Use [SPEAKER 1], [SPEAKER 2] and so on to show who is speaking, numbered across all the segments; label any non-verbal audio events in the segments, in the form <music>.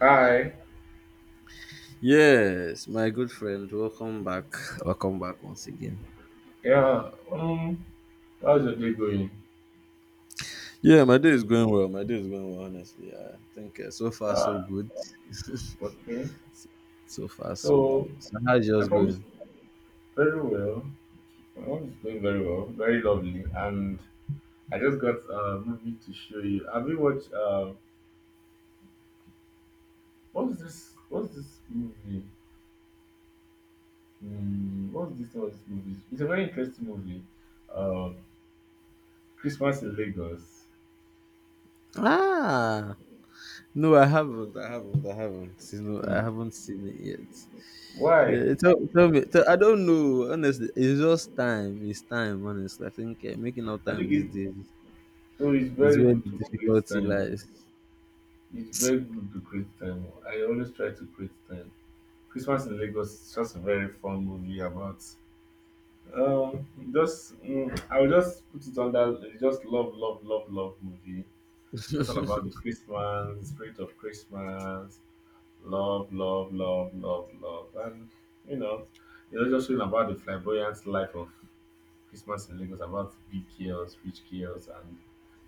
[SPEAKER 1] Hi.
[SPEAKER 2] Yes, my good friend, welcome back. <laughs> Welcome back once again.
[SPEAKER 1] Yeah. How's your day going?
[SPEAKER 2] Yeah, my day is going well. My day is going well, honestly. I think so far so
[SPEAKER 1] Ah,
[SPEAKER 2] good. <laughs>
[SPEAKER 1] okay.
[SPEAKER 2] So far so
[SPEAKER 1] So
[SPEAKER 2] good. So how's
[SPEAKER 1] I
[SPEAKER 2] yours
[SPEAKER 1] promise
[SPEAKER 2] going?
[SPEAKER 1] very well. My mom is going very well, very lovely, and I just got a movie to show you. Have you watched? What's this? What's this movie? What's this? What's this movie? It's a very interesting movie. Uh, Christmas in Lagos.
[SPEAKER 2] Ah, no, I haven't. I haven't. I haven't. I
[SPEAKER 1] Hmm.
[SPEAKER 2] haven't seen it yet.
[SPEAKER 1] Why?
[SPEAKER 2] Yeah, tell me. Tell, I don't know. Honestly, it's just time. It's time. Honestly, I think making out
[SPEAKER 1] I
[SPEAKER 2] time
[SPEAKER 1] think
[SPEAKER 2] these
[SPEAKER 1] it.
[SPEAKER 2] days
[SPEAKER 1] Oh, it's
[SPEAKER 2] is
[SPEAKER 1] very
[SPEAKER 2] where
[SPEAKER 1] good
[SPEAKER 2] the
[SPEAKER 1] to create
[SPEAKER 2] difficulty
[SPEAKER 1] time.
[SPEAKER 2] lies.
[SPEAKER 1] It's very good to create time. I always try to create time. Christmas in Lagos is just a very fun movie about um just I will just put it under just love, love, love, love movie. Just all about the Christmas, the spirit of Christmas, love, love, love, love, love, and you know, it's just showing about the flamboyant life of Christmas in Lagos, about big girls, rich girls, and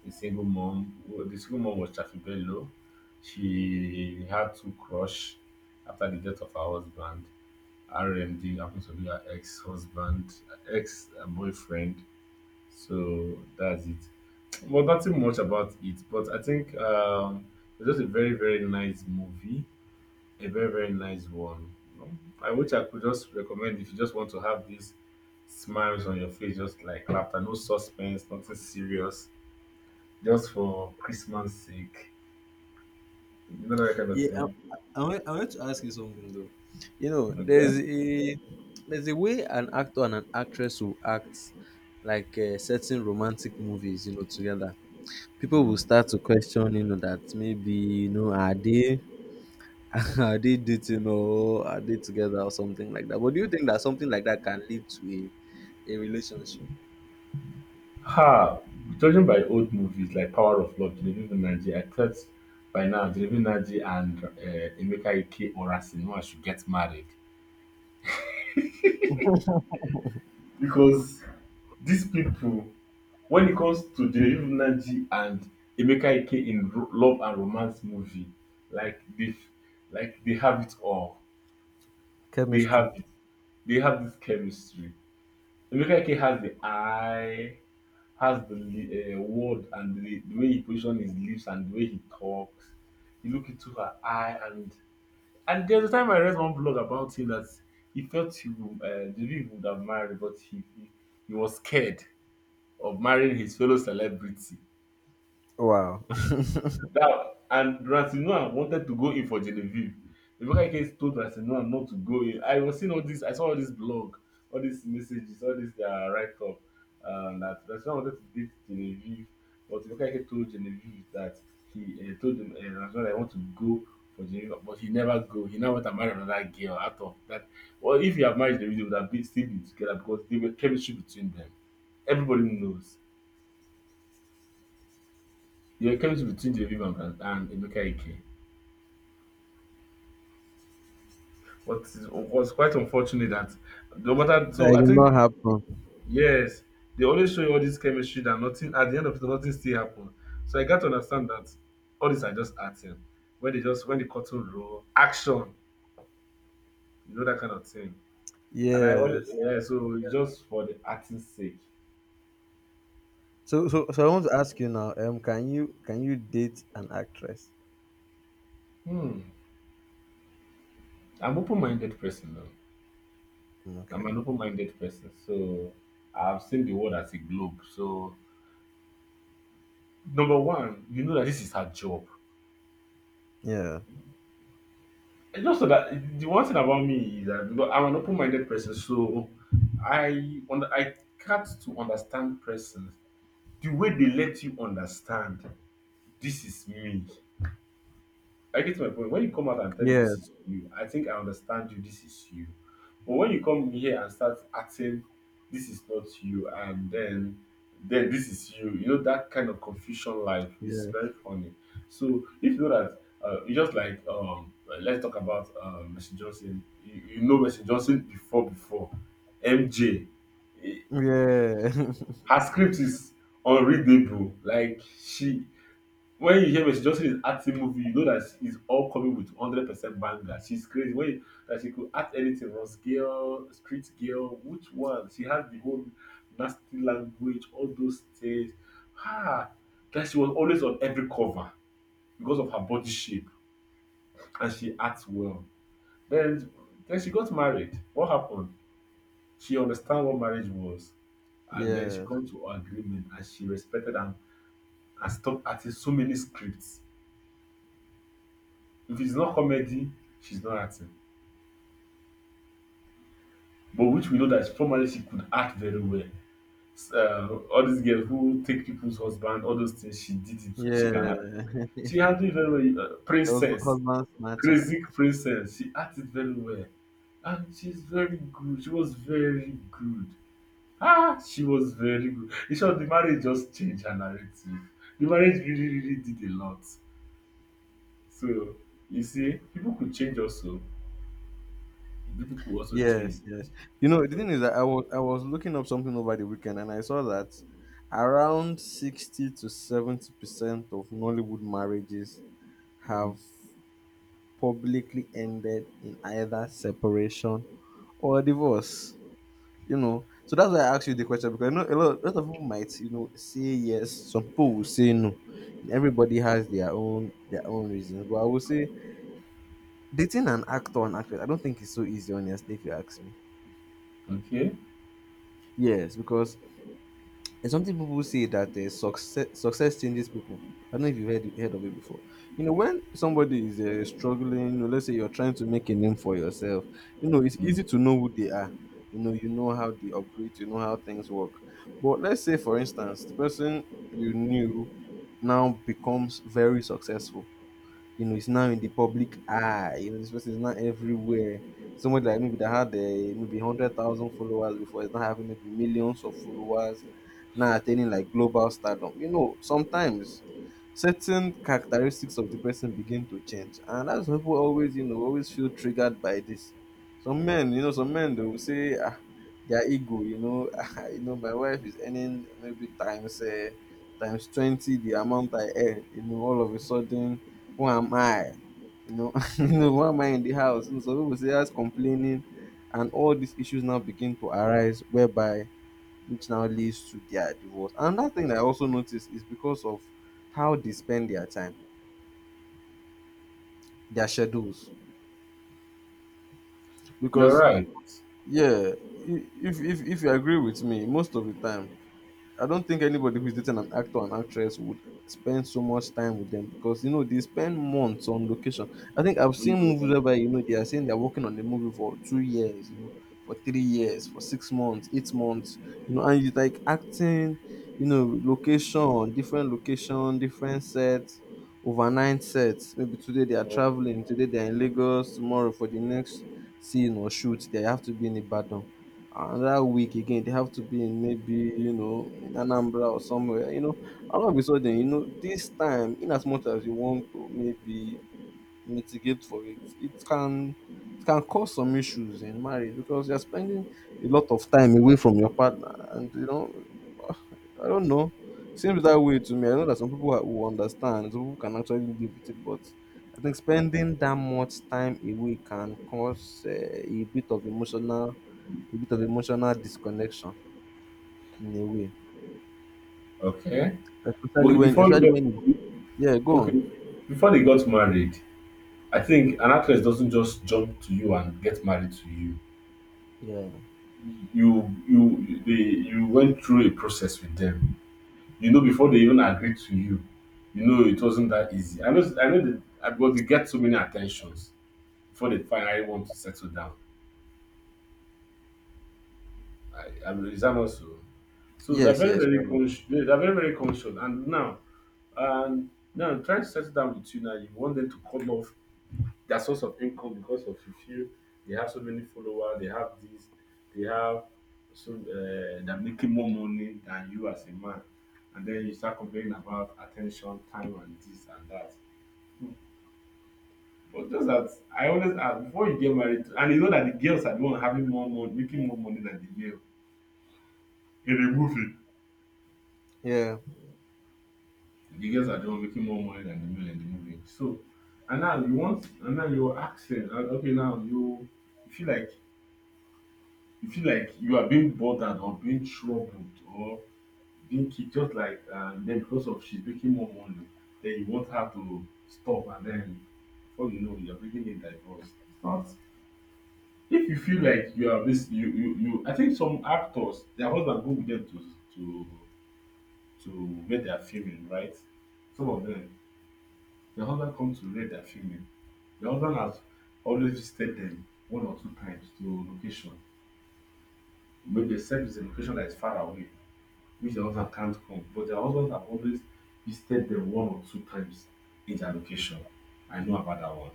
[SPEAKER 1] a single mom. Well, the single mom was Chafi Bello. She had two crush after the death of her husband. RMD happens to be her ex-husband, ex-boyfriend. So that's it. Well, nothing much about it, but I think it's just a very, very nice movie, a very, very nice one. I wish I could just recommend if you just want to have these smiles on your face, just like laughter, no suspense, nothing serious, just for Christmas sake, you know that kind of
[SPEAKER 2] Yeah,
[SPEAKER 1] thing.
[SPEAKER 2] I want to ask you something though. You know,
[SPEAKER 1] Okay.
[SPEAKER 2] there's a way an actor and an actress will act like certain romantic movies, you know, together. People will
[SPEAKER 1] Mm.
[SPEAKER 2] start to question, you know, that maybe you know are they <laughs> are they dating or are they together or something like that. But do you think that something like that can lead to a relationship?
[SPEAKER 1] Ha! Judging by old movies like Power of Love, Genevieve Nnaji, I thought by now Genevieve Nnaji and Emeka Ike orasi know I should get married. Because these people, when it comes to Genevieve Nnaji and Emeka Ike in love and romance movie, like they, like they have it all. They
[SPEAKER 2] Chemistry.
[SPEAKER 1] have they have this chemistry. Emeka Ike has the eye, has the word and the way he position his lips and the way he talks. You look into her eye and there's a time I read one blog about him that he felt he would, the he would have married, but he, he was scared of marrying his fellow celebrity.
[SPEAKER 2] Wow. <laughs>
[SPEAKER 1] That and Ransomware wanted to go in for Genevieve. Ebuka Eke told Ransomware not to go in. I was seeing all this, I saw all this blog, all these messages, all this their write up that Ransomware wanted to date Genevieve, but Ebuka told Genevieve that he told him Ransomware I want to go for Genevieve, but he never go. He now went and married another girl out of that. Well, if he had married Genevieve, they would have been still been together because there were chemistry between them. Everybody knows. There were chemistry between Genevieve and, Ebuka. But it was quite unfortunate that no matter
[SPEAKER 2] That
[SPEAKER 1] so I
[SPEAKER 2] did not
[SPEAKER 1] think
[SPEAKER 2] happen.
[SPEAKER 1] yes, they always show you all this chemistry that nothing at the end of it nothing still happened. So I got to understand that all these are just acting. When they just when the curtain roll, action, you know that kind of thing. And I always
[SPEAKER 2] Yes.
[SPEAKER 1] yeah, so it's just for the acting's sake.
[SPEAKER 2] So I want to ask you now. Can you can you date an actress?
[SPEAKER 1] Hmm. I'm open minded person though.
[SPEAKER 2] Mm,
[SPEAKER 1] I'm
[SPEAKER 2] okay.
[SPEAKER 1] an open minded person. So I've seen the world as a globe. So number one, you know that this is her job.
[SPEAKER 2] Yeah.
[SPEAKER 1] It's just so that the one thing about me is that because I'm an open-minded person, so I got to understand persons the way they let you understand. This is me. I get my point. When you come out and tell me this
[SPEAKER 2] Yes.
[SPEAKER 1] is you, I think I understand you. This is you. But when you come here and start acting, this is not you, and then this is you. You know that kind of confusion life is very
[SPEAKER 2] Yes.
[SPEAKER 1] funny. So if you know that, you just like let's talk about Messi Johnson. You know Messi Johnson before MJ. Eh,
[SPEAKER 2] Yeah. <laughs>
[SPEAKER 1] her script is unreadable. Like she when you hear Mercy Johnson is acting movie, you know that she's all coming with 100% banger. She's crazy. When you, that she could act anything, Ross Girl, Street Girl, which one? She has the whole nasty language, all those things. Ah, that she was always on every cover because of her body shape and she acts well. Then, then she got married. What happened? She understand what marriage was and then she
[SPEAKER 2] Yes.
[SPEAKER 1] come to agreement and she respected am and stopped acting so many scripts. If it's not comedy, she's not acting. But which we know that formerly she could act very well. All these girls who take people's husband, all those things she did it. She can act.
[SPEAKER 2] Yeah.
[SPEAKER 1] She
[SPEAKER 2] <laughs>
[SPEAKER 1] handled it very well.
[SPEAKER 2] There was
[SPEAKER 1] Princess,
[SPEAKER 2] husband snatcher.
[SPEAKER 1] crazy princess. She acted very well, and she's very good. She was very good. Ah, she was very good. In short, the marriage just changed her narrative. The marriage really, really did a lot. So you see, people could change also. People could also
[SPEAKER 2] Yes.
[SPEAKER 1] change.
[SPEAKER 2] Yes. You know the
[SPEAKER 1] So
[SPEAKER 2] thing is that I was looking up something over the weekend and I saw that around 60 to 70 percent of Nollywood marriages have
[SPEAKER 1] mm.
[SPEAKER 2] publicly ended in either separation or divorce, you know. So that's why I asked you the question because you know a lot of people might you know say yes, some people will say no. Everybody has their own reasons, but I would say dating an actor and actress, I don't think it's so easy honestly if you ask me.
[SPEAKER 1] Okay.
[SPEAKER 2] Yes, because And something people say that success changes people. I don't know if you've heard of it before. You know, when somebody is struggling, you know, let's say you're trying to make a name for yourself, you know, it's easy to
[SPEAKER 1] Mm.
[SPEAKER 2] know who they are. You know how they operate, you know how things work. But let's say, for instance, the person you knew now becomes very successful, you know, it's now in the public eye. You know, this person is now everywhere. Somebody like maybe that had maybe 100,000 followers before is now having maybe millions of followers, now attaining like global stardom. You know, sometimes certain characteristics of the person begin to change, and that's why people always, you know, always feel triggered by this. Some men, you know, some men they will say, ah, their ego, you know, <laughs> you know, my wife is earning maybe times. Times 20 the amount I earn, you know, all of a sudden who am I? You know, <laughs> You know, why am I in the house? So some people say that's complaining, and all these issues now begin to arise, whereby which now leads to their divorce. Another thing that I also noticed is because of how they spend their time, their schedules.
[SPEAKER 1] You're
[SPEAKER 2] Because
[SPEAKER 1] right.
[SPEAKER 2] yeah, if you agree with me, most of the time I don't think anybody who's dating an actor and actress would spend so much time with them because you know they spend months on location. I think I've
[SPEAKER 1] Mm,
[SPEAKER 2] seen
[SPEAKER 1] mm,
[SPEAKER 2] movies whereby
[SPEAKER 1] mm,
[SPEAKER 2] you know they are saying they're working on the movie for 2 years, you know, for 3 years, for 6 months, 8 months, you know, and you like acting, you know, different location, different sets, overnight sets. Maybe today they are
[SPEAKER 1] mm.
[SPEAKER 2] traveling, today they are in Lagos, tomorrow for the next scene or shoot, they have to be in Ibadan, another week again they have to be in maybe you know in Anambra or somewhere, you know, all of a sudden you know this time in as much as you want to maybe mitigate for it, it can cause some issues in marriage because you're spending a lot of time away from your partner, and you know I don't know, seems that way to me. I know that will understand, some people can actually live with it, but I think spending that much time away can cause a bit of emotional disconnection in a way,
[SPEAKER 1] Okay. Okay. Before you
[SPEAKER 2] especially
[SPEAKER 1] get
[SPEAKER 2] when it's- yeah, go on.
[SPEAKER 1] Okay, before they got married, I think an actress doesn't just jump to you and get married to you.
[SPEAKER 2] Yeah.
[SPEAKER 1] You they You went through a process with them. You know before they even agreed to you, you know it wasn't that easy. I know that but they get so many attentions before they finally want to settle down. I mean, is that not so? So they're
[SPEAKER 2] Yes.
[SPEAKER 1] very,
[SPEAKER 2] Yes. You're
[SPEAKER 1] very
[SPEAKER 2] right.
[SPEAKER 1] conscious. They're very, very conscious. And now, I trying to settle down with you now. You want them to cut off their source of income because of you feel they have so many followers. They have this. They have so they're making more money than you as a man. And then you start complaining about attention, time, and this and that. But just that I always ask before you get married, and you know that the girls are the one having more money, making more money than the male in a movie
[SPEAKER 2] Yeah.
[SPEAKER 1] the girls are the one making more money than the men in the movie. So, and now you want, and now you're asking, and okay, now you feel like you feel like you are being bothered or being troubled or being kicked, just like then because of she's making more money, then you want her to stop, and then before you know, you're making a divorce. It's not. If you feel like you are this, I think some actors, their husband go with them to make their filming, right? Some of them, their husband come to read their filming. The husband has always visited them one or two times to location. Maybe except it's a location that is far away, which the husband can't come. But the husbands have always visited them one or two times in their location. I know about that one.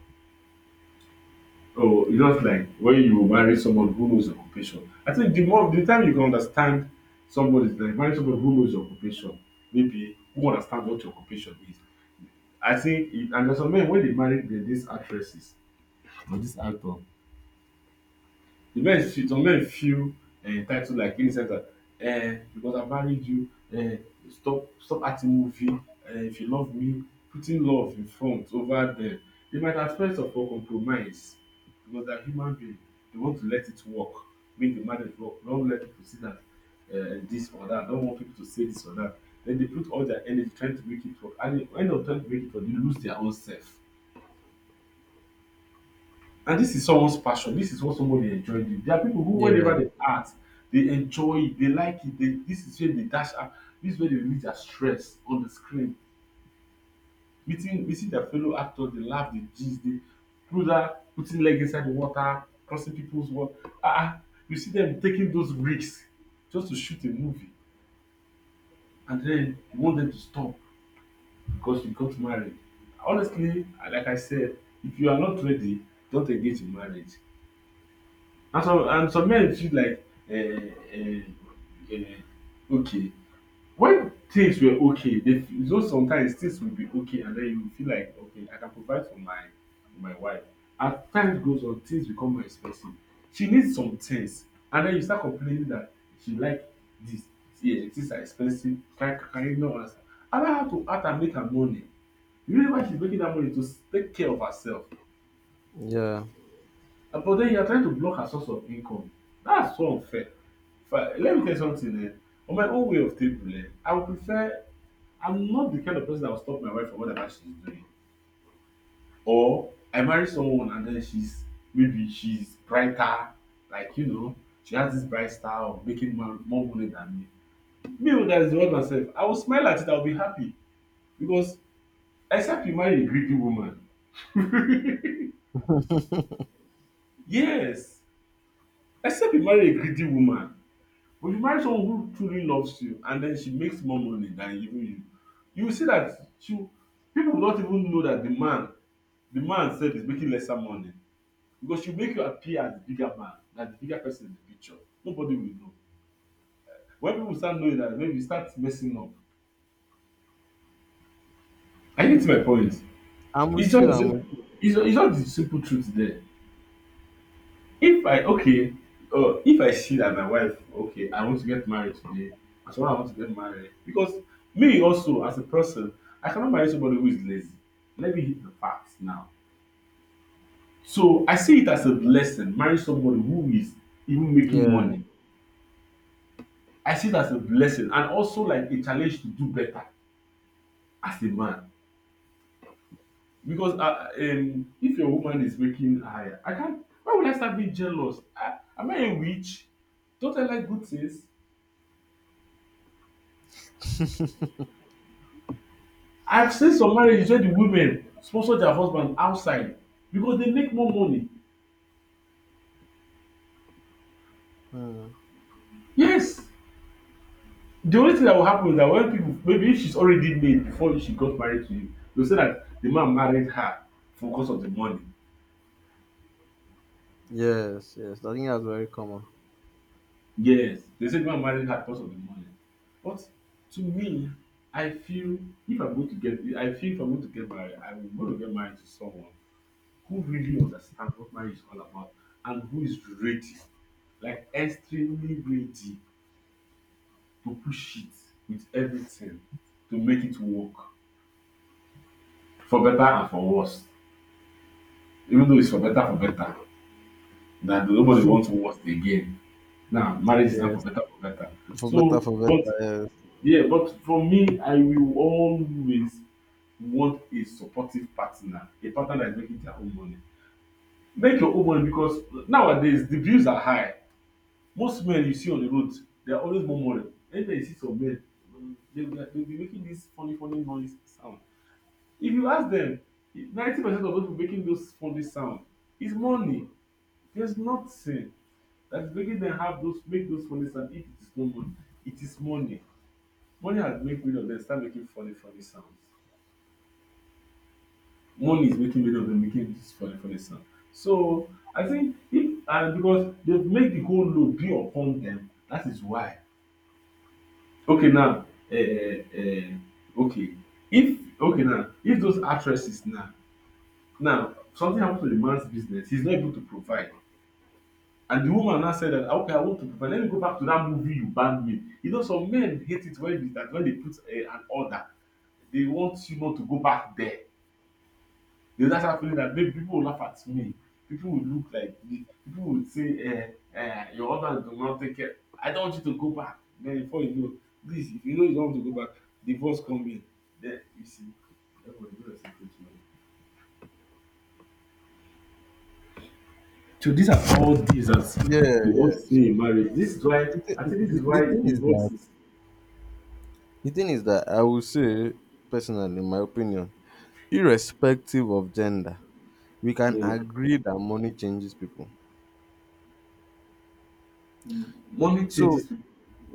[SPEAKER 1] Oh, it's just like when you marry someone who knows your occupation. I think the more the time you can understand somebody, like marry somebody who knows your occupation, maybe who understand what your occupation is. I think, it, and there's some men when they marry these actresses or this actor, the men feel some men feel entitled like in the sense that because I married you um stop acting movie if you love me putting love in front over them they might at first of all compromise because they are human being they want to let it work make the marriage work. Don't let people see that this or that. Don't want people to say this or that then they put all their energy trying to make it work and at the end of trying to make it work they lose their own self and this is someone's passion. This is what somebody enjoy doing. There are people who
[SPEAKER 2] Yeah.
[SPEAKER 1] whenever they art, they enjoy it, they like it, they this is where they dash out, this is where they release their stress on the screen. Meeting their fellow actors, they laugh, they gist, they brother putting leg inside the water, crossing people's wa. Ah! ah, you see them taking those risks just to shoot a movie and then you want them to stop because you got married. Honestly, like I said, if you are not ready, don't engage in marriage. And some men feel like uh, okay, when things were okay they feel so sometimes things will be okay, and then you feel like okay, I can provide for my wife. As time goes on things become more expensive, she needs some things, and then you start complaining that she like this. Yeah, things are expensive. Can you? No answer. Allow her to add and make her money. You know why she's making that money? To take care of herself.
[SPEAKER 2] Yeah.
[SPEAKER 1] But then you are trying to block her source of income. That's so unfair. Let me tell you something. Eh? On my own way of table, eh, I would prefer. I'm not the kind of person that will stop my wife from whatever she's doing. Or I marry someone and then she's maybe she's brighter, like you know, she has this bright style of making more money than me. Me, who that is the one myself, I will smile at it. I'll be happy, because except you marry a greedy woman, yes, except you marry a greedy woman. But if you marry someone who truly loves you and then she makes more money than even you, you will see that she people will not even know that the man sef is making lesser money because she make you appear as the bigger man, na the bigger person in the picture, nobody will know. When people start knowing that, then you start messing up. I get my point?
[SPEAKER 2] I'm
[SPEAKER 1] It's
[SPEAKER 2] with
[SPEAKER 1] just
[SPEAKER 2] you.
[SPEAKER 1] the
[SPEAKER 2] I'm with
[SPEAKER 1] sim
[SPEAKER 2] you.
[SPEAKER 1] it's just the simple truth there. If I okay, if I see that my wife okay, I want to get married today. As well, I want to get married because me also as a person, I cannot marry somebody who is lazy. Let me hit the facts now. So I see it as a blessing. Marry somebody who is even making
[SPEAKER 2] Yeah.
[SPEAKER 1] money. I see it as a blessing and also like a challenge to do better as a man, because if your woman is making higher, I can't. Why would I start being jealous? I, am I a witch? Don't I like good things? I've seen some marriages where the women sponsor their husband outside because they make more money.
[SPEAKER 2] Hmm.
[SPEAKER 1] Yes, the only thing that will happen is that when people maybe if she's already made before she got married to him, they'll say that the man married her for cause of the money.
[SPEAKER 2] Yes. Yes. I think that's very common.
[SPEAKER 1] Yes, they say the man married her because of the money. But to me, I feel if I'm going to get, I feel if I'm going to get married, I'm going to get married to someone who really understands what marriage is all about and who is ready, like extremely ready to push it with everything to make it work for better and for worse. Even though it's for better, that nobody wants worse again. Now marriage is not for
[SPEAKER 2] Yes.
[SPEAKER 1] better for better.
[SPEAKER 2] For better,
[SPEAKER 1] So,
[SPEAKER 2] for
[SPEAKER 1] but
[SPEAKER 2] better. Yes.
[SPEAKER 1] yeah, but for me, I will always want a supportive partner, a partner that is making their own money. Make your own money because nowadays the bills are high. Most men you see on the road, they are always more money. Anytime you see some men, they will be making this funny funny noise sound. If you ask them, 90% of those people making those funny sound is money. There's nothing that's making them have those make those funny sound if it is no money. It is money. Money has made many of them start making funny funny sounds. Money is making many of them making this funny funny sound. So I think if and because they've made the whole load be upon them, that is why. Okay now, okay, if okay now if those actresses now. Now, something happens to the man's business. He's not able to provide. And the woman now said that, "Ah, okay, I want to provide. Let me go back to that movie you banned me." You know, some men hate it when, that when they put an order. They want you not to go back there. They just have feeling that maybe people will laugh at me. People will look like me. People will say, your order do not take care. I don't want you to go back. Then before you know, please, if you know you don't want to go back, divorce come in. Then you see, everybody goes to. So these are all these
[SPEAKER 2] Yeah.
[SPEAKER 1] that we all
[SPEAKER 2] Yeah.
[SPEAKER 1] see in marriage. This is why
[SPEAKER 2] The,
[SPEAKER 1] I
[SPEAKER 2] thi-
[SPEAKER 1] think, this is
[SPEAKER 2] the, the
[SPEAKER 1] why
[SPEAKER 2] thing is
[SPEAKER 1] divorce
[SPEAKER 2] that
[SPEAKER 1] is
[SPEAKER 2] the thing is that I will say personally, in my opinion, irrespective of gender, we can
[SPEAKER 1] mm,
[SPEAKER 2] agree that money changes people.
[SPEAKER 1] money
[SPEAKER 2] So
[SPEAKER 1] changes people.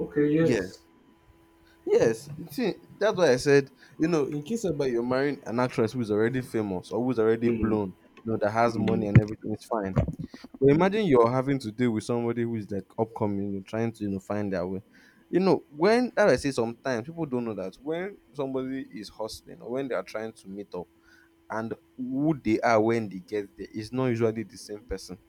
[SPEAKER 1] Okay,
[SPEAKER 2] yes,
[SPEAKER 1] yes.
[SPEAKER 2] yes, you see, that's why I said, you know, in case about you're marrying an actress who is already famous or who's already
[SPEAKER 1] Mm,
[SPEAKER 2] blown, you know, that has money
[SPEAKER 1] mm,
[SPEAKER 2] and everything, it's fine. But
[SPEAKER 1] mm.
[SPEAKER 2] imagine you're having to deal with somebody who is like upcoming, you know, trying to, you know, find their way. You know, when that I say sometimes people don't know that when somebody is hustling or when they are trying to meet up and who they are when they get there is not usually the same person.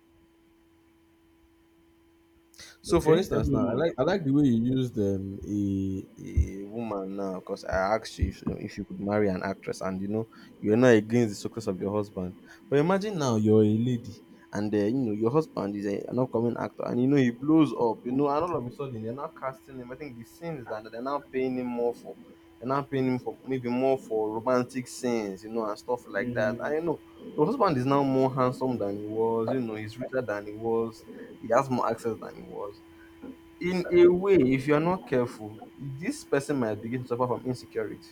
[SPEAKER 2] So, for
[SPEAKER 1] Okay, tell
[SPEAKER 2] instance,
[SPEAKER 1] me
[SPEAKER 2] now
[SPEAKER 1] more.
[SPEAKER 2] I like the way you used a woman now because I asked you if you could marry an actress, and you know you're not against the success of your husband. But imagine now you're a lady, and you know your husband is an upcoming actor, and you know he blows up, you know, and all of a sudden they're now casting him. I think the scenes that they're now paying him more for, they're now paying him for maybe more for romantic scenes, you know, and stuff like that. I
[SPEAKER 1] Mm,
[SPEAKER 2] you know your husband is now more handsome than he was. You know, he's richer than he was. He has more access than he was. In a way, if you're not careful, this person might begin to suffer from insecurity.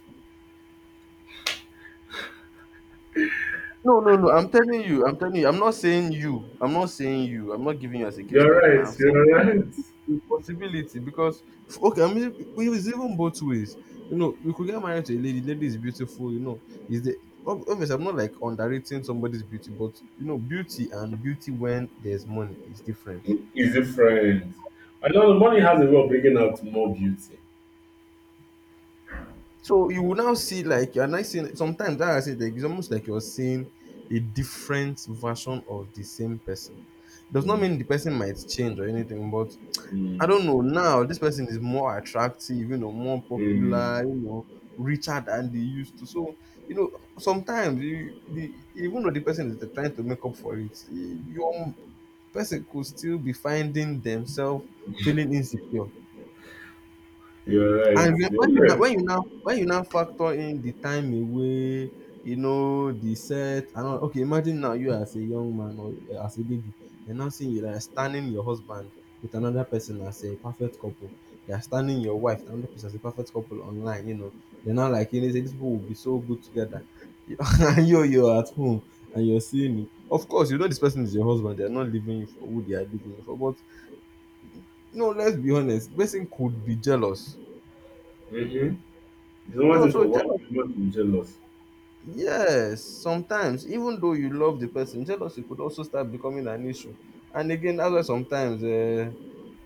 [SPEAKER 2] No, no, no. I'm telling you. I'm telling you. I'm not saying you. I'm not saying you. I'm not giving you as a case
[SPEAKER 1] you're
[SPEAKER 2] study now.
[SPEAKER 1] right,
[SPEAKER 2] I'm saying
[SPEAKER 1] you're right.
[SPEAKER 2] it's a possibility because okay. I mean, it's even both ways. You know, you could get married to a lady. Lady is beautiful. You know, is the obviously I'm not like underrating somebody's beauty, but you know, beauty and beauty when there's money is different.
[SPEAKER 1] Easy friend. I know money has a way of bringing out more beauty.
[SPEAKER 2] So you will now see like you're not seeing sometimes that I said like, it's almost like you're seeing a different version of the same person. Does not
[SPEAKER 1] Mm,
[SPEAKER 2] mean the person might change or anything, but I
[SPEAKER 1] mm,
[SPEAKER 2] don't know. Now this person is more attractive, you know, more
[SPEAKER 1] mm.
[SPEAKER 2] popular, you know, richer than they used to. So, you know, sometimes you the even though the person is trying to make up for it, your person could still be finding themselves feeling insecure.
[SPEAKER 1] You're right.
[SPEAKER 2] And
[SPEAKER 1] You're right.
[SPEAKER 2] when you now factor in the time away, you know, the set and all. Okay, imagine now you as a young man or as a baby, you're now seeing you like standing your husband with another person as a perfect couple. You're standing your wife with another person as a perfect couple online, you know. They're now like, you know, say, these people will be so good together. <laughs> And you, you're at home and you're seeing it. Of course, you know this person is your husband. They're not leaving you for who they are leaving you for. But no, let's be honest. Person could be jealous.
[SPEAKER 1] Mm-hmm. There's
[SPEAKER 2] They're
[SPEAKER 1] one thing for
[SPEAKER 2] also
[SPEAKER 1] one,
[SPEAKER 2] jealous.
[SPEAKER 1] you're not be jealous.
[SPEAKER 2] Yes, sometimes, even though you love the person, jealousy could also start becoming an issue. And again, that's why sometimes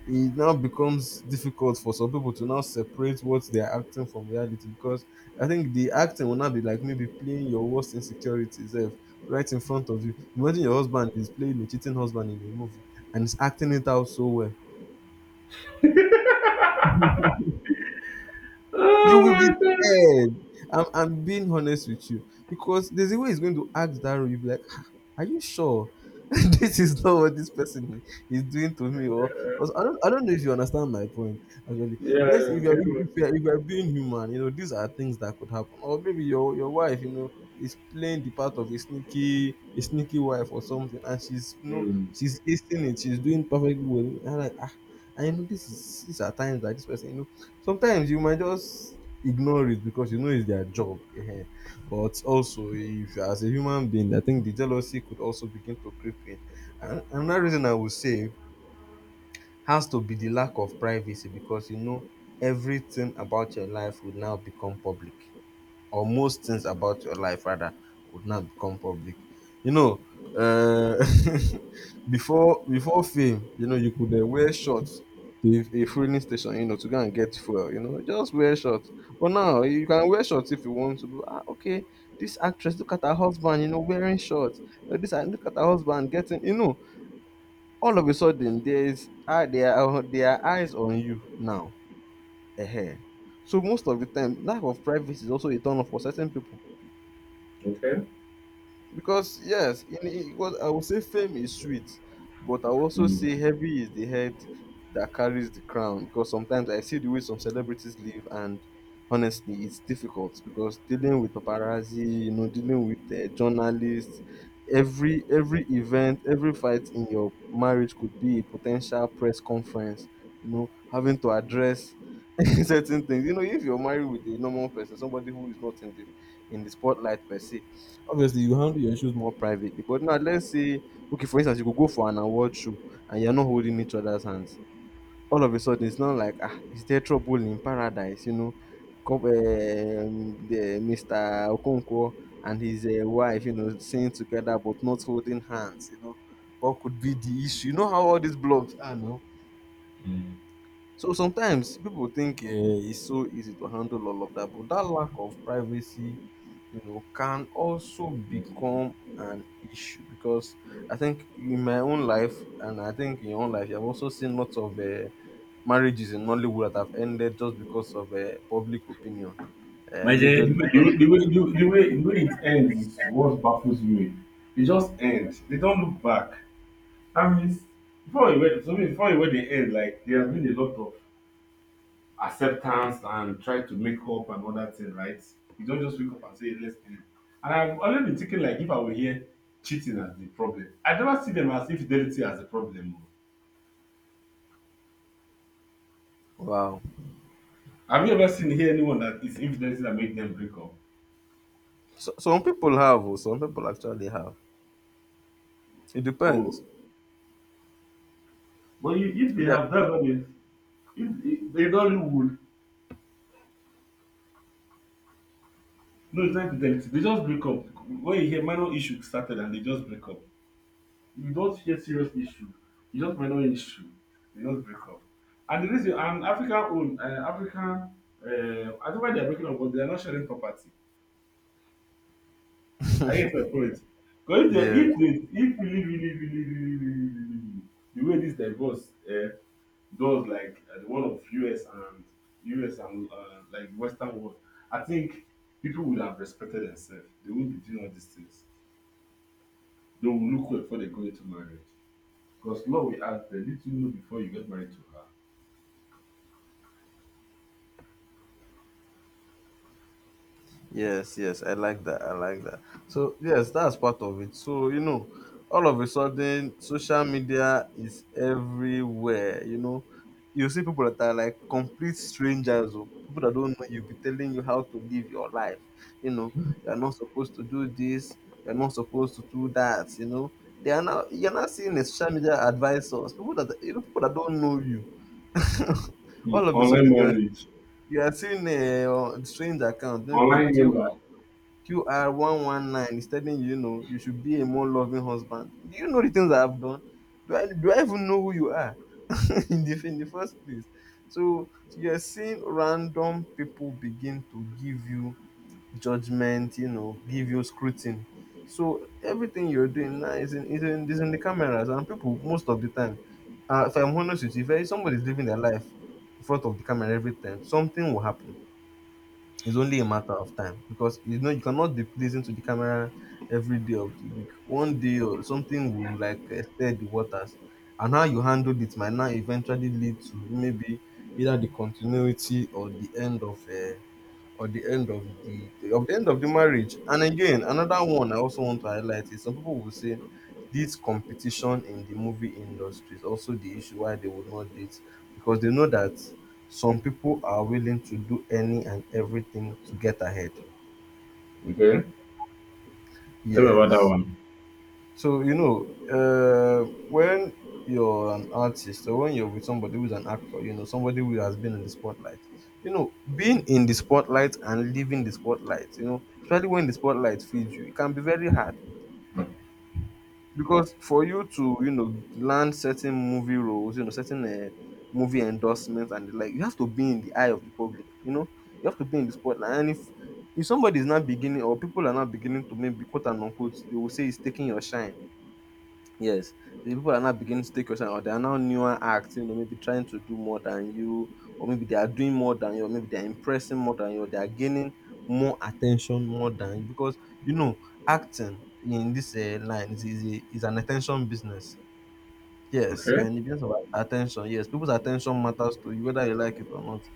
[SPEAKER 2] it now becomes difficult for some people to now separate what they are acting from reality because I think the acting will now be like maybe playing your worst insecurities, eh, right in front of you. Imagine your husband is playing a cheating husband in a movie and is acting it out so well, you
[SPEAKER 1] Oh
[SPEAKER 2] will be
[SPEAKER 1] my god.
[SPEAKER 2] scared. I'm being honest with you because there's a way he's going to ask that role. You'll be like, "Ah, are you sure? <laughs> This is not what this person is doing to me." Or- I don't know if you understand my point. Actually,
[SPEAKER 1] Yeah,
[SPEAKER 2] let's
[SPEAKER 1] yeah,
[SPEAKER 2] if
[SPEAKER 1] I'm getting it.
[SPEAKER 2] if you're being human, you know these are things that could happen. Or maybe your wife, you know, is playing the part of a sneaky wife or something, and she's you know
[SPEAKER 1] Mm,
[SPEAKER 2] she's acing it. She's doing perfectly well. And I'm like ah. I know, this is these are times that this person, sometimes you might just ignore it because you know it's their job. Ehen. But also, if as a human being, I think the jealousy could also begin to creep in. And another reason I would say has to be the lack of privacy because you know everything about your life would now become public, or most things about your life rather would not become public. You know, uh, <laughs> before fame, you know, you could wear shorts to a fueling station, you know, to go and get fuel. You know, just wear shorts. But now you can wear shorts if you want to. But, ah, okay, this actress, look at her husband, you know, wearing shorts. This and look at her husband getting, you know, all of a sudden there are eyes on you now. Ehen. So most of the time, lack of privacy is also a turn off for certain people.
[SPEAKER 1] okay.
[SPEAKER 2] Because yes, because I would say fame is sweet, but I would also say
[SPEAKER 1] Mm,
[SPEAKER 2] heavy is the head that carries the crown. Because sometimes I see the way some celebrities live, and honestly, it's difficult because dealing with paparazzi, you know, dealing with journalists, every event, every fight in your marriage could be a potential press conference. You know, having to address <laughs> certain things. You know, if you're married with a normal person, somebody who is not in the spotlight per se. Obviously, you handle your issues more privately. But now, let's say, okay, for instance, you could go for an award show and you're not holding each other's hands. All of a sudden, it's not like, ah, is there trouble in paradise? You know, come, Mr. Okonkwo and his wife, you know, singing together but not holding hands, you know. What could be the issue? You know how all these blogs are now?
[SPEAKER 1] mm,
[SPEAKER 2] So sometimes people think it's so easy to handle all of that, but that lack of privacy, you know, can also
[SPEAKER 1] mm.
[SPEAKER 2] become an issue because I think in my own life, and I think in your own life, you have also seen lots of marriages in Nollywood that have ended just because of public opinion,
[SPEAKER 1] My dear, The
[SPEAKER 2] majorly because.
[SPEAKER 1] way, the way, the way, the way, the way the way it ends is what baffles me. They just end. They don't look back. That means before you were, so means before you were they end, like there has been a lot of acceptance and try to make up and all that thing, right? You don't just wake up and say let's end. And I've already been thinking like if I were here, cheating as the problem. I never see them as infidelity as a problem. Oh.
[SPEAKER 2] Wow.
[SPEAKER 1] Have you ever seen here anyone that is infidelity that made them break up?
[SPEAKER 2] So, some people have, oh, some people actually have. It
[SPEAKER 1] Oh,
[SPEAKER 2] depends.
[SPEAKER 1] but you, if they
[SPEAKER 2] Yeah.
[SPEAKER 1] have that, that is. If they Nollywood, no, it's not fidelity. They just break up. When you hear minor issue started and they just break up. If you don't hear serious issue. You just minor issue. They just break up. And the reason and African own African I don't know why they're breaking up, but they're not sharing property. I get my point. Because if they
[SPEAKER 2] Yeah.
[SPEAKER 1] if they if really really really really really really really really, really, the way this divorce those like the one of US and like Western world, I think people would have respected themselves. They wouldn't be doing all these things. They will look well before they go into marriage. Because law will ask them, did you know before you get married to her?
[SPEAKER 2] Yes, yes, I like that. I like that. So, yes, that's part of it. So, you know, all of a sudden, social media is everywhere. You know, you see people that are like complete strangers or people that don't know you be telling you how to live your life. You know, you're not supposed to do this, you're not supposed to do that. You know, they are now, you're not seeing a social media advisors, people that, you know, people that don't know you. <laughs>
[SPEAKER 1] Hmm.
[SPEAKER 2] All of a
[SPEAKER 1] Online
[SPEAKER 2] sudden, you're
[SPEAKER 1] marriage,
[SPEAKER 2] you are seeing a strange account, maybe
[SPEAKER 1] online
[SPEAKER 2] Q
[SPEAKER 1] window.
[SPEAKER 2] QR119 is telling you, you know, you should be a more loving husband. Do you know the things I have done? Do I even know who you are <laughs> in the first place? So you're seeing random people begin to give you judgment, you know, give you scrutiny. So everything you're doing now is in the cameras, and people, most of the time, if I'm honest with you, if somebody's living their life in front of the camera every time, something will happen. It's only a matter of time because you know you cannot be pleasing to the camera every day of the week. One day or something will like stir the waters, and how you handled it might now eventually lead to maybe either the continuity or the end of or the end of the end of the marriage. And again, another one I also want to highlight is some people will say this competition in the movie industry is also the issue why they would not date because they know that some people are willing to do any and everything to get ahead.
[SPEAKER 1] Okay. Tell me about that
[SPEAKER 2] Yes.
[SPEAKER 1] one.
[SPEAKER 2] So you know, when you're an artist or when you're with somebody who's an actor, you know, somebody who has been in the spotlight, you know, being in the spotlight and leaving the spotlight, you know, especially when the spotlight feeds you, it can be very hard because for you to, you know, land certain movie roles, you know, certain movie endorsements and the like, you have to be in the eye of the public, you know, you have to be in the spotlight, and if somebody is not beginning or people are not beginning to maybe quote and unquote, they will say it's taking your shine. Yes, the people are now beginning to take your side, or they are now newer acts, you know, maybe trying to do more than you, or maybe they are doing more than you, or maybe they are impressing more than you, or they are gaining more attention more than you. Because, you know, acting in this line is an attention business. Yes, you're
[SPEAKER 1] Okay.
[SPEAKER 2] in the business of attention. Yes, people's attention matters to you, whether you like it or not.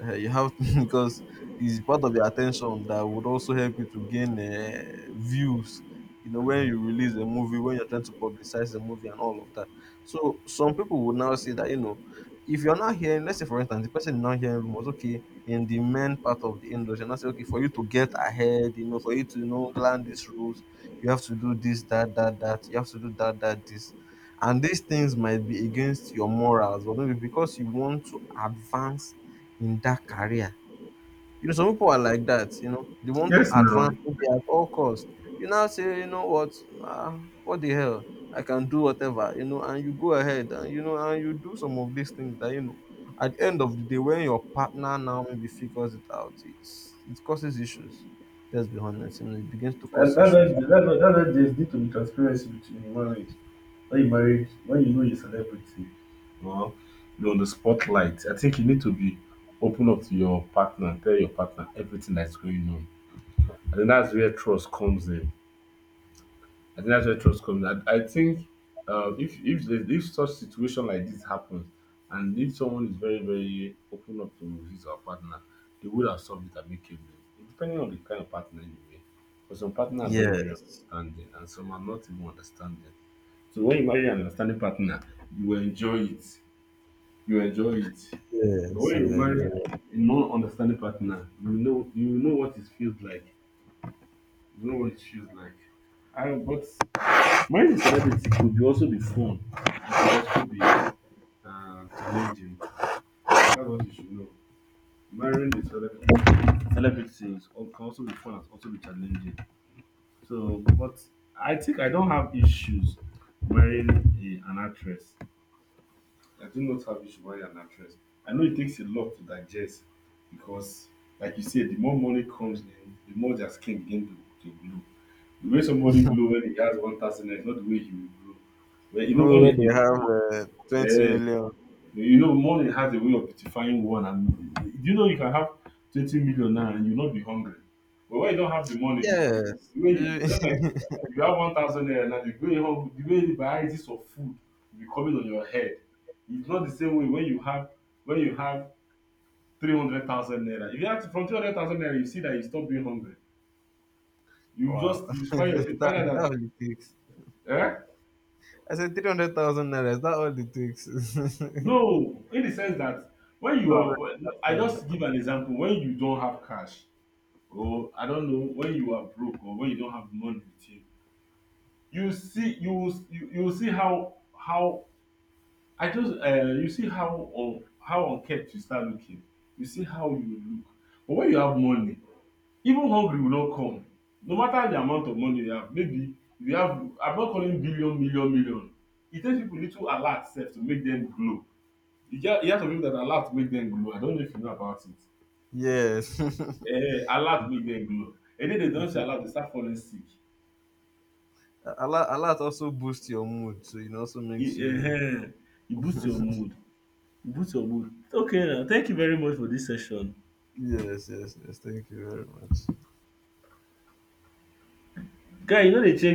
[SPEAKER 2] You have to, <laughs> because it's part of your attention that would also help you to gain views. You know, when you release a movie, when you're trying to publicize the movie and all of that. So some people would now say that you know, if you're not hearing, let's say for instance, the person is not hearing rumors. Okay, in the main part of the industry, and I say okay, for you to get ahead, you know, for you to you know land these rules, you have to do this, that, that, that. You have to do that, that, this and these things might be against your morals, but maybe because you want to advance in that career. You know, some people are like that, you know, they want to
[SPEAKER 1] Yes,
[SPEAKER 2] advance
[SPEAKER 1] now.
[SPEAKER 2] maybe at all costs. You now say, you know what, ah, what the hell, I can do whatever, you know, and you go ahead and, you know, and you do some of these things that, you know, at the end of the day, when your partner now maybe figures it out, it's, it causes issues. Let's be honest, you know, it begins to cause
[SPEAKER 1] And that's why
[SPEAKER 2] issues.
[SPEAKER 1] that's why that's why there's need to be transparency between human when you marry, when you know you're a celebrity or you're on the spotlight. I think you need to be open up to your partner, tell your partner everything that's going on. I think that's where trust comes in. I think that's where trust comes in I think if if such situation like this happens and if someone is very open up to his or her partner, they would have solved it amicably, depending on the kind of partner anyway, because some partner are very
[SPEAKER 2] Yes,
[SPEAKER 1] understanding and some are not even understanding. So when you marry an understanding partner, you will enjoy it. You will enjoy it. But
[SPEAKER 2] yes,
[SPEAKER 1] when you
[SPEAKER 2] you enjoy.
[SPEAKER 1] marry a non-understanding partner, you know, you know what it feels like. You know what it feels like. I, but marriage a celebrity could be also be fun. It could also be challenging. That's what you should know. Marrying the celebrity, can also be fun and also be challenging. So, but I think I don't have issues marrying a, an actress. I do not have issue why an actress. I know it takes a lot to digest because, like you said, the more money comes in, the more their skin begin to glow. The way somebody glow when he has 1,000 naira is not the way he will glow. Well, you know,
[SPEAKER 2] Room
[SPEAKER 1] money
[SPEAKER 2] where
[SPEAKER 1] is.
[SPEAKER 2] they have 20
[SPEAKER 1] Yeah.
[SPEAKER 2] million.
[SPEAKER 1] You know, money has a way of beautifying one. And do you know you can have 20 million now and you not be hungry? But when you don't have the money, you
[SPEAKER 2] Yes.
[SPEAKER 1] when you just like
[SPEAKER 2] <laughs>
[SPEAKER 1] you have 1,000 naira now, the way, home, the way the varieties of food will be coming on your head. It's not the same way when you have 300,000 naira. If you have from 300,000 naira, you see that you stop being hungry. You
[SPEAKER 2] Wow.
[SPEAKER 1] just
[SPEAKER 2] <laughs>
[SPEAKER 1] you find
[SPEAKER 2] That, that
[SPEAKER 1] out
[SPEAKER 2] all it takes.
[SPEAKER 1] that eh?
[SPEAKER 2] I said 300,000 naira. Is that all it takes? <laughs>
[SPEAKER 1] No, in the sense that when you
[SPEAKER 2] No,
[SPEAKER 1] are, I just give
[SPEAKER 2] that's
[SPEAKER 1] an example. When you don't have cash, or I don't know when you are broke or when you don't have money with you, you see you will you, you will see how I just you see how on how unkept you start looking. You see how you look. But when you have money, even hungry will not come. No matter the amount of money you have, maybe if you have I'm not calling billion, million, million. It takes people little alert self to make them glow. You just you have some people that alert make them glow. I don't know if you know about it.
[SPEAKER 2] yes. <laughs>
[SPEAKER 1] Eh, alert make them glow. And then they
[SPEAKER 2] It
[SPEAKER 1] don't say
[SPEAKER 2] will-
[SPEAKER 1] alert, they start falling sick.
[SPEAKER 2] a lot also boosts your mood. So it also makes
[SPEAKER 1] You
[SPEAKER 2] you.
[SPEAKER 1] um you boost your mood, you boost your mood. Okay now, thank you very much for this session.
[SPEAKER 2] Yes, yes, yes. Thank you very much.
[SPEAKER 1] Guy you know dey change